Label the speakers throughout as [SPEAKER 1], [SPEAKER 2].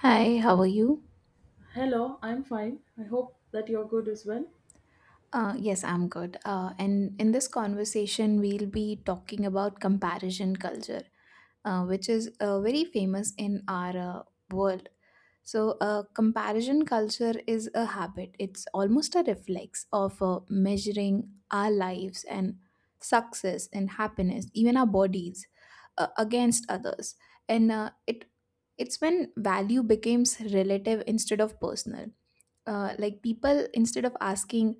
[SPEAKER 1] Hi, how are you?
[SPEAKER 2] Hello, I'm fine. I hope that you're good as well.
[SPEAKER 1] Yes, I'm good. And in this conversation, we'll be talking about comparison culture, which is very famous in our world. So, comparison culture is a habit, it's almost a reflex of measuring our lives and success and happiness, even our bodies, against others. And it's when value becomes relative instead of personal. Like people, instead of asking,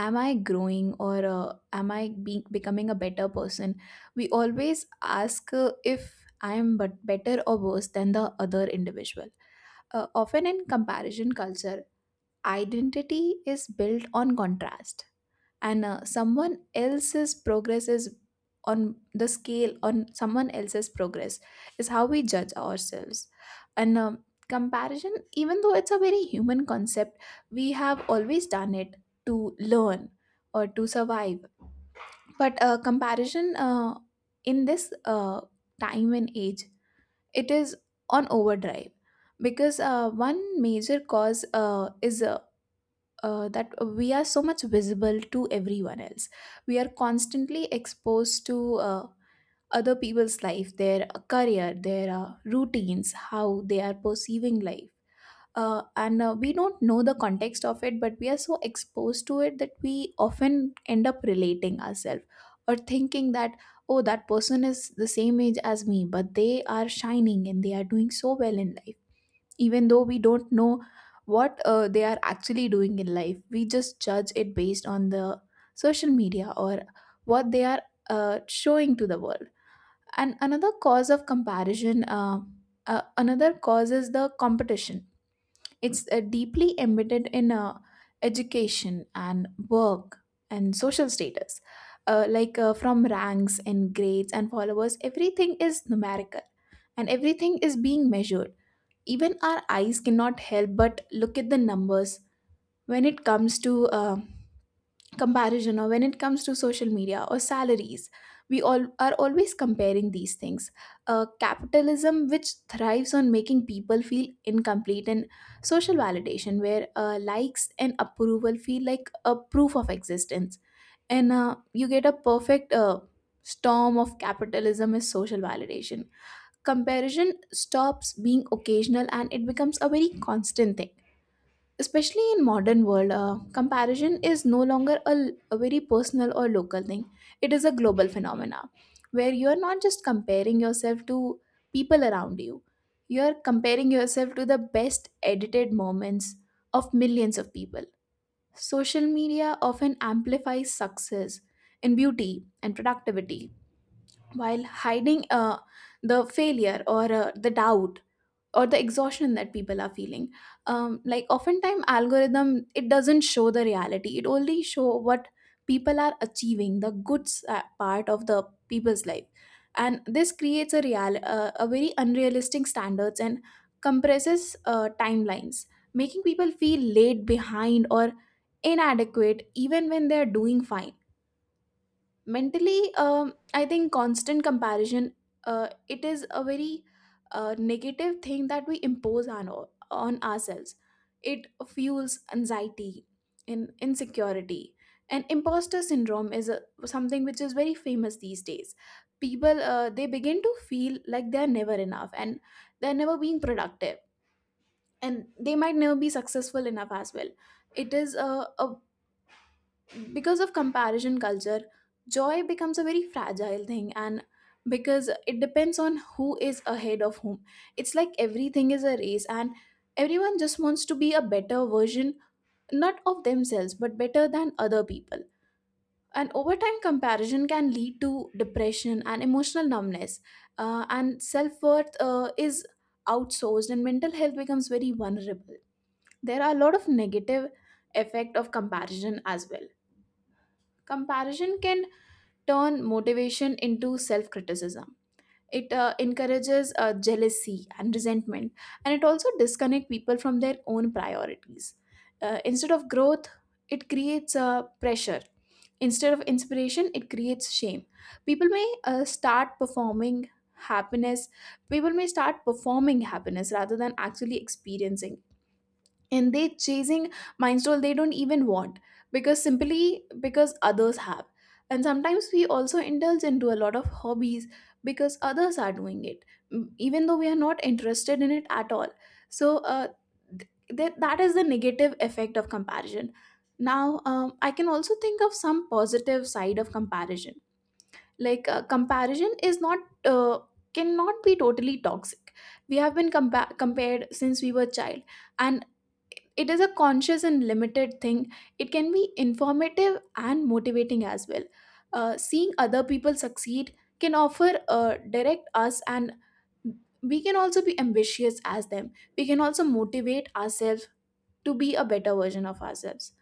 [SPEAKER 1] am I growing or am I being becoming a better person, we always ask if I am but better or worse than the other individual. Often in comparison culture identity is built on contrast, and someone else's progress is on the scale on someone else's progress is how we judge ourselves. And comparison, even though it's a very human concept, we have always done it, to learn or to survive. But comparison in this time and age, it is on overdrive. Because one major cause is that we are so much visible to everyone else. We are constantly exposed to other people's life, their career, their routines, how they are perceiving life. And we don't know the context of it, but we are so exposed to it that we often end up relating ourselves or thinking that, oh, that person is the same age as me, but they are shining and they are doing so well in life, even though we don't know what they are actually doing in life. We just judge it based on the social media or what they are showing to the world. And another cause is the competition. It's deeply embedded in education and work and social status. Like from ranks and grades and followers, everything is numerical and everything is being measured. Even our eyes cannot help but look at the numbers when it comes to comparison, or when it comes to social media or salaries. We all are always comparing these things. Capitalism, which thrives on making people feel incomplete, and social validation, where likes and approval feel like a proof of existence. And you get a perfect storm of capitalism is social validation, comparison stops being occasional and it becomes a very constant thing. Especially in modern world, comparison is no longer a very personal or local thing, it is a global phenomena, where you are not just comparing yourself to people around you, you are comparing yourself to the best edited moments of millions of people. Social media often amplifies success in beauty and productivity, while hiding the failure or the doubt or the exhaustion that people are feeling. Like oftentimes algorithm, it doesn't show the reality, it only show what people are achieving, the good part of the people's life. And this creates a real a very unrealistic standards and compresses timelines, making people feel late behind or inadequate even when they are doing fine. Mentally, I think constant comparison, it is a very negative thing that we impose on ourselves. It fuels anxiety in insecurity, and imposter syndrome is something which is very famous these days. People, they begin to feel like they're never enough and they're never being productive, and they might never be successful enough as well. It is a, a because of comparison culture joy becomes a very fragile thing, and because it depends on who is ahead of whom, it's like everything is a race, and everyone just wants to be a better version not of themselves but better than other people. And over time comparison can lead to depression and emotional numbness. And self-worth is outsourced and mental health becomes very vulnerable. There are a lot of negative effect of comparison as well. Comparison can turn motivation into self criticism. It encourages jealousy and resentment, and it also disconnects people from their own priorities. Instead of growth, it creates pressure. Instead of inspiration, it creates shame. People may uh, start performing happiness. People may start performing happiness rather than actually experiencing, and they chasing milestone they don't even want, because simply because others have. And sometimes we also indulge into a lot of hobbies because others are doing it, even though we are not interested in it at all. So that is the negative effect of comparison. Now I can also think of some positive side of comparison. Like comparison is not uh, cannot be totally toxic. We have been compared since we were child, and it is a conscious and limited thing. It can be informative and motivating as well. Seeing other people succeed can offer direct us, and we can also be ambitious as them, we can also motivate ourselves to be a better version of ourselves.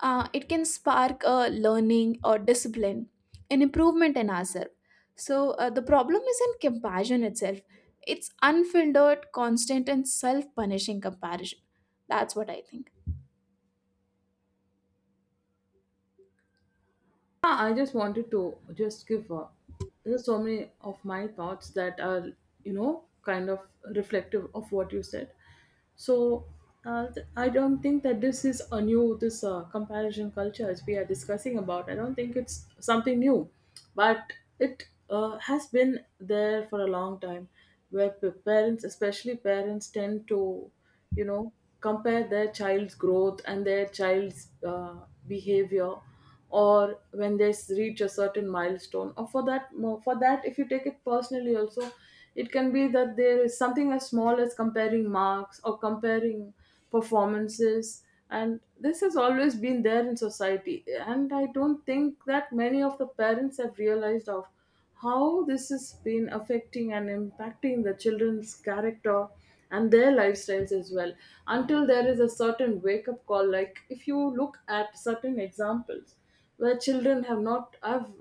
[SPEAKER 1] It can spark learning or discipline and improvement in ourselves. So the problem is in comparison itself, it's unfiltered constant and self-punishing comparison. That's what I think.
[SPEAKER 2] Yeah, I just wanted to just give there's so many of my thoughts that are, you know, kind of reflective of what you said. So I don't think that this is a new this comparison culture as we are discussing about. I don't think it's something new. But it has been there for a long time, where parents, especially parents, tend to, you know, compare their child's growth and their child's behavior, or when they reach a certain milestone, or for for that, if you take it personally also, it can be that there is something as small as comparing marks or comparing performances. And this has always been there in society, and I don't think that many of the parents have realized of how this has been affecting and impacting the children's character and their lifestyles as well, until there is a certain wake up call. Like, if you look at certain examples where children have not have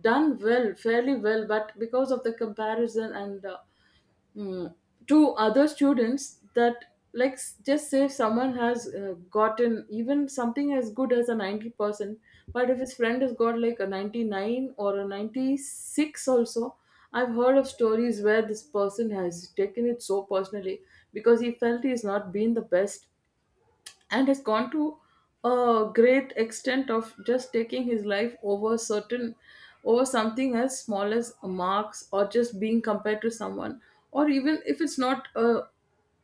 [SPEAKER 2] done well, fairly well, but because of the comparison and mm, to other students that, like, just say if someone has gotten even something as good as a 90%, but if his friend has got like a 99 or a 96 also, I've heard of stories where this person has taken it so personally because he felt he's not been the best, and has gone to a great extent of just taking his life over something as small as marks, or just being compared to someone. Or even if it's not a,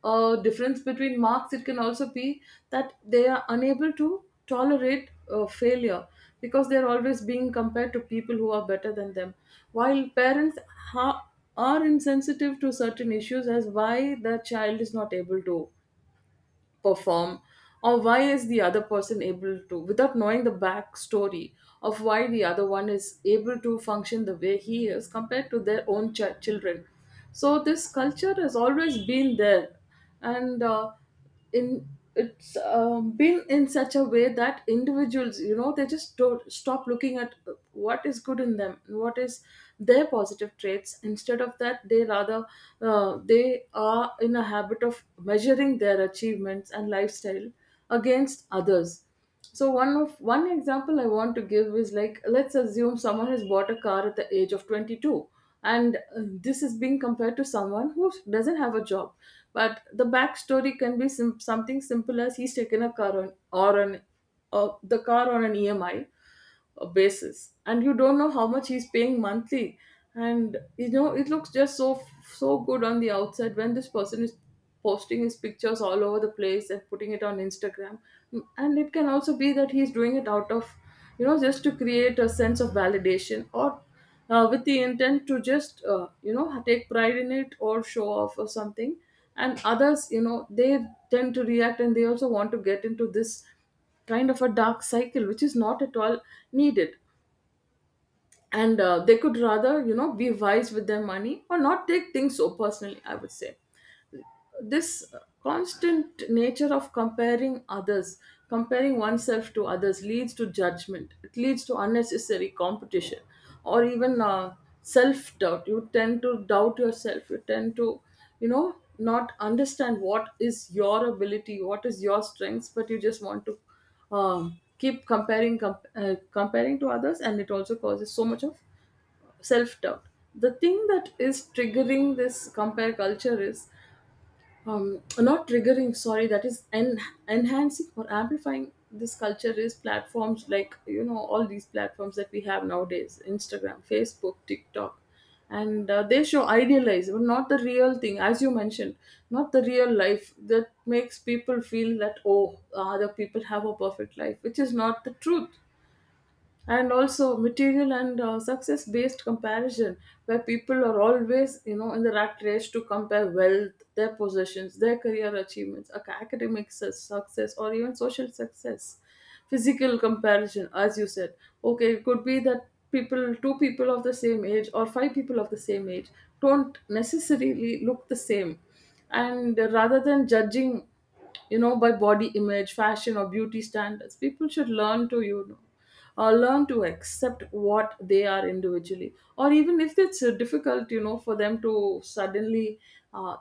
[SPEAKER 2] a difference between marks, it can also be that they are unable to tolerate failure because they're always being compared to people who are better than them, while parents ha- are insensitive to certain issues as why the child is not able to perform, or why is the other person able to, without knowing the backstory of why the other one is able to function the way he is compared to their own children. So this culture has always been there, and in it's been in such a way that individuals, you know, they just don't stop looking at what is good in them, what is their positive traits. Instead of that, they rather, they are in a habit of measuring their achievements and lifestyle against others. So one example I want to give is, like, let's assume someone has bought a car at the age of 22, and this is being compared to someone who doesn't have a job. But the backstory can be something simple as he's taken a car on or an or the car on an EMI basis, and you don't know how much he's paying monthly. And, you know, it looks just so good on the outside when this person is posting his pictures all over the place and putting it on Instagram. And it can also be that he's doing it out of, you know, just to create a sense of validation, or with the intent to just you know, take pride in it, or show off or something. And others, you know, they tend to react, and they also want to get into this kind of a dark cycle, which is not at all needed. And they could rather, you know, be wise with their money or not take things so personally, I would say. This constant nature of comparing others, comparing oneself to others, leads to judgment, it leads to unnecessary competition, or even self doubt. You tend to doubt yourself, you tend to, you know, not understand what is your ability, what is your strengths, but you just want to keep comparing to others, and it also causes so much of self doubt. The thing that is triggering this compare culture is not triggering, sorry, that is enhancing or amplifying this culture, is platforms like, you know, all these platforms that we have nowadays: Instagram, Facebook, TikTok. And they show idealized but not the real thing, as you mentioned, not the real life, that makes people feel that, oh, other people have a perfect life, which is not the truth. And also material and success based comparison, where people are always, you know, in the rat race to compare wealth, their possessions, their career achievements, academic success, or even social success. Physical comparison, as you said. Okay, it could be that people, two people of the same age or five people of the same age, don't necessarily look the same. And rather than judging, you know, by body image, fashion, or beauty standards, people should learn to, you know, learn to accept what they are individually, or even if it's difficult, you know, for them to suddenly uh,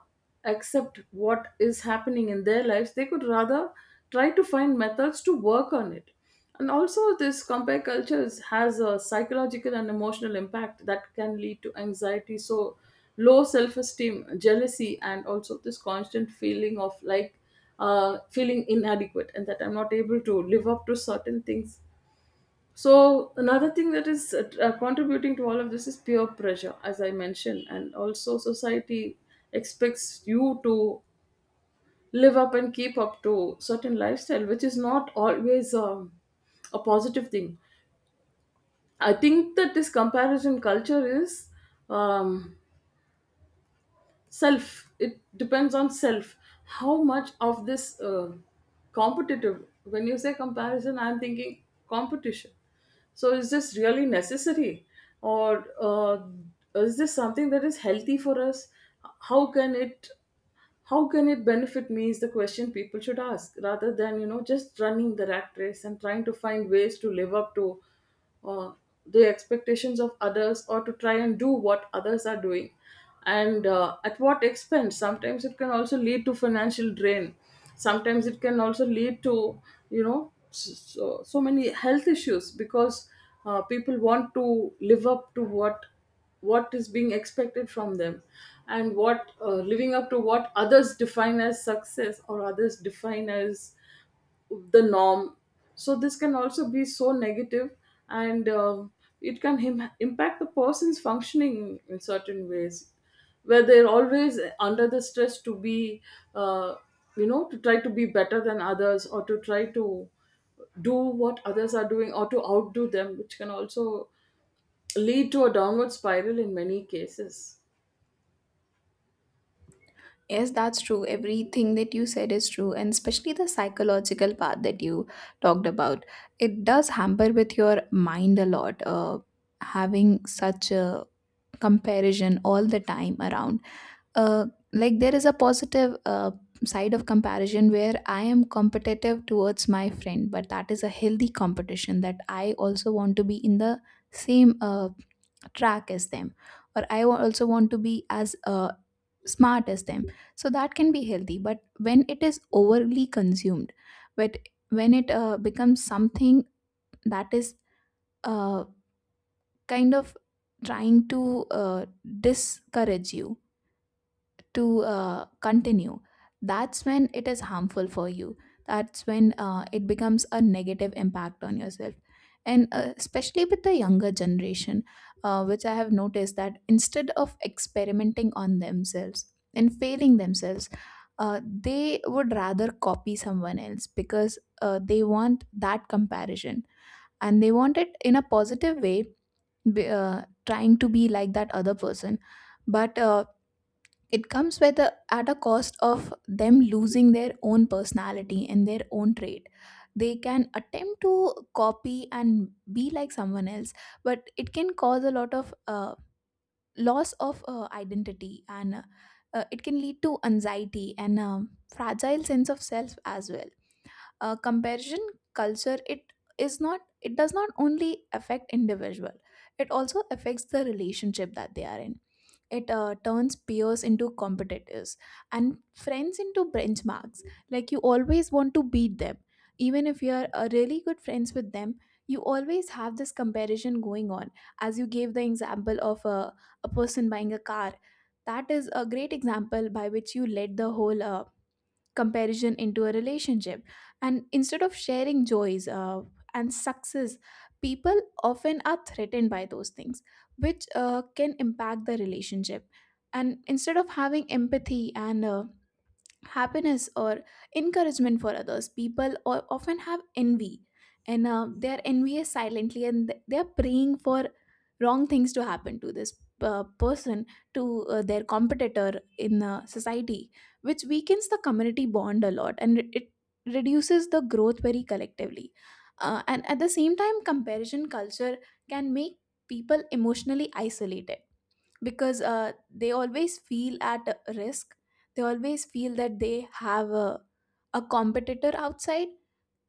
[SPEAKER 2] accept what is happening in their lives, they could rather try to find methods to work on it. And also, this compare cultures has a psychological and emotional impact that can lead to anxiety, so low self-esteem, jealousy, and also this constant feeling of, like, feeling inadequate, and that I'm not able to live up to certain things. So another thing that is contributing to all of this is peer pressure, as I mentioned, and also society expects you to live up and keep up to certain lifestyle, which is not always a positive thing. I think that this comparison culture is um, self, it depends on self, how much of this competitive. When you say comparison, I'm thinking competition. So is this really necessary, or is this something that is healthy for us? How can it how can it benefit me is the question people should ask, rather than, you know, just running the rat race and trying to find ways to live up to uh, the expectations of others, or to try and do what others are doing. And at what expense? Sometimes it can also lead to financial drain. Sometimes it can also lead to, you know, so many health issues, because people want to live up to what is being expected from them. And what living up to what others define as success, or others define as the norm. So this can also be so negative. And it can impact the person's functioning in certain ways where they're always under the stress to be uh, you know, to try to be better than others, or to try to do what others are doing, or to outdo them, which can also lead to a downward spiral in many cases.
[SPEAKER 1] Yes, that's true. Everything that you said is true, and especially the psychological part that you talked about. It does hamper with your mind a lot, having such a comparison all the time around. Uh, like there is a positive side of comparison where I am competitive towards my friend, but that is a healthy competition, that I also want to be in the same track as them, or I also want to be as smart as them. So that can be healthy, but when it is overly consumed, but when it becomes something that is uh, kind of trying to uh, discourage you to continue, that's when it is harmful for you, that's when it becomes a negative impact on yourself. And especially with the younger generation, which I have noticed, that instead of experimenting on themselves and failing themselves, they would rather copy someone else because they want that comparison and they want it in a positive way, trying to be like that other person. But it comes with at a cost of them losing their own personality and their own trait. They can attempt to copy and be like someone else, but it can cause a lot of loss of identity, and it can lead to anxiety and fragile sense of self as well. Comparison culture, it is not, it does not only affect individual, it also affects the relationship that they are in. It turns peers into competitors and friends into benchmarks, like you always want to beat them even if you are really good friends with them, you always have this comparison going on. As you gave the example of a person buying a car, that is a great example by which you led the whole comparison into a relationship. And instead of sharing joys and success, people often are threatened by those things, which can impact the relationship. And instead of having empathy and happiness or encouragement for others, people or often have envy, and they are envious silently, and they are praying for wrong things to happen to this person, to their competitor in society, which weakens the community bond a lot, and it reduces the growth very collectively. And at the same time, comparison culture can make people emotionally isolated, because they always feel at risk, they always feel that they have a competitor outside,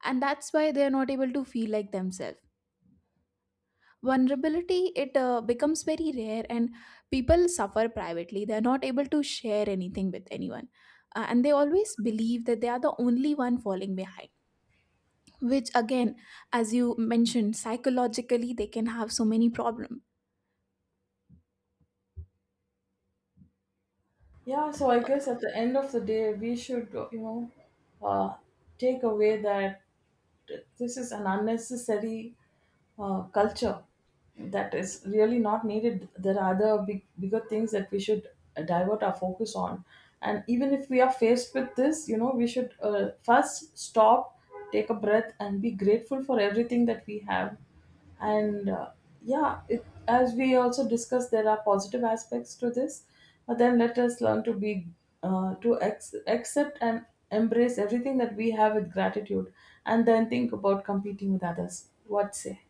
[SPEAKER 1] and that's why they are not able to feel like themselves. Vulnerability, it becomes very rare, and people suffer privately, they are not able to share anything with anyone. And they always believe that they are the only one falling behind, which again, as you mentioned, psychologically they can have so many problems.
[SPEAKER 2] Yeah, so I guess at the end of the day, we should, you know, uh, take away that this is an unnecessary culture that is really not needed. There are other bigger things that we should divert our focus on. And even if we are faced with this, you know, we should first stop, take a breath, and be grateful for everything that we have. And yeah, it, as we also discussed, there are positive aspects to this, but then let us learn to be to accept and embrace everything that we have with gratitude, and then think about competing with others. What say?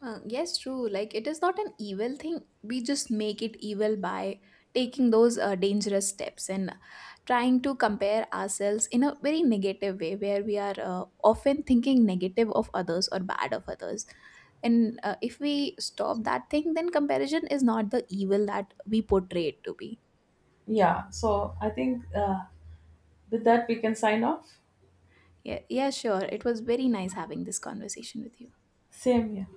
[SPEAKER 1] Yes, true. Like, it is not an evil thing. We just make it evil by taking those dangerous steps and trying to compare ourselves in a very negative way, where we are often thinking negative of others or bad of others. And if we stop that thing, then comparison is not the evil that we portray it to be.
[SPEAKER 2] Yeah, so I think with that we can sign off.
[SPEAKER 1] Yeah, yeah, sure. It was very nice having this conversation with you.
[SPEAKER 2] Same here.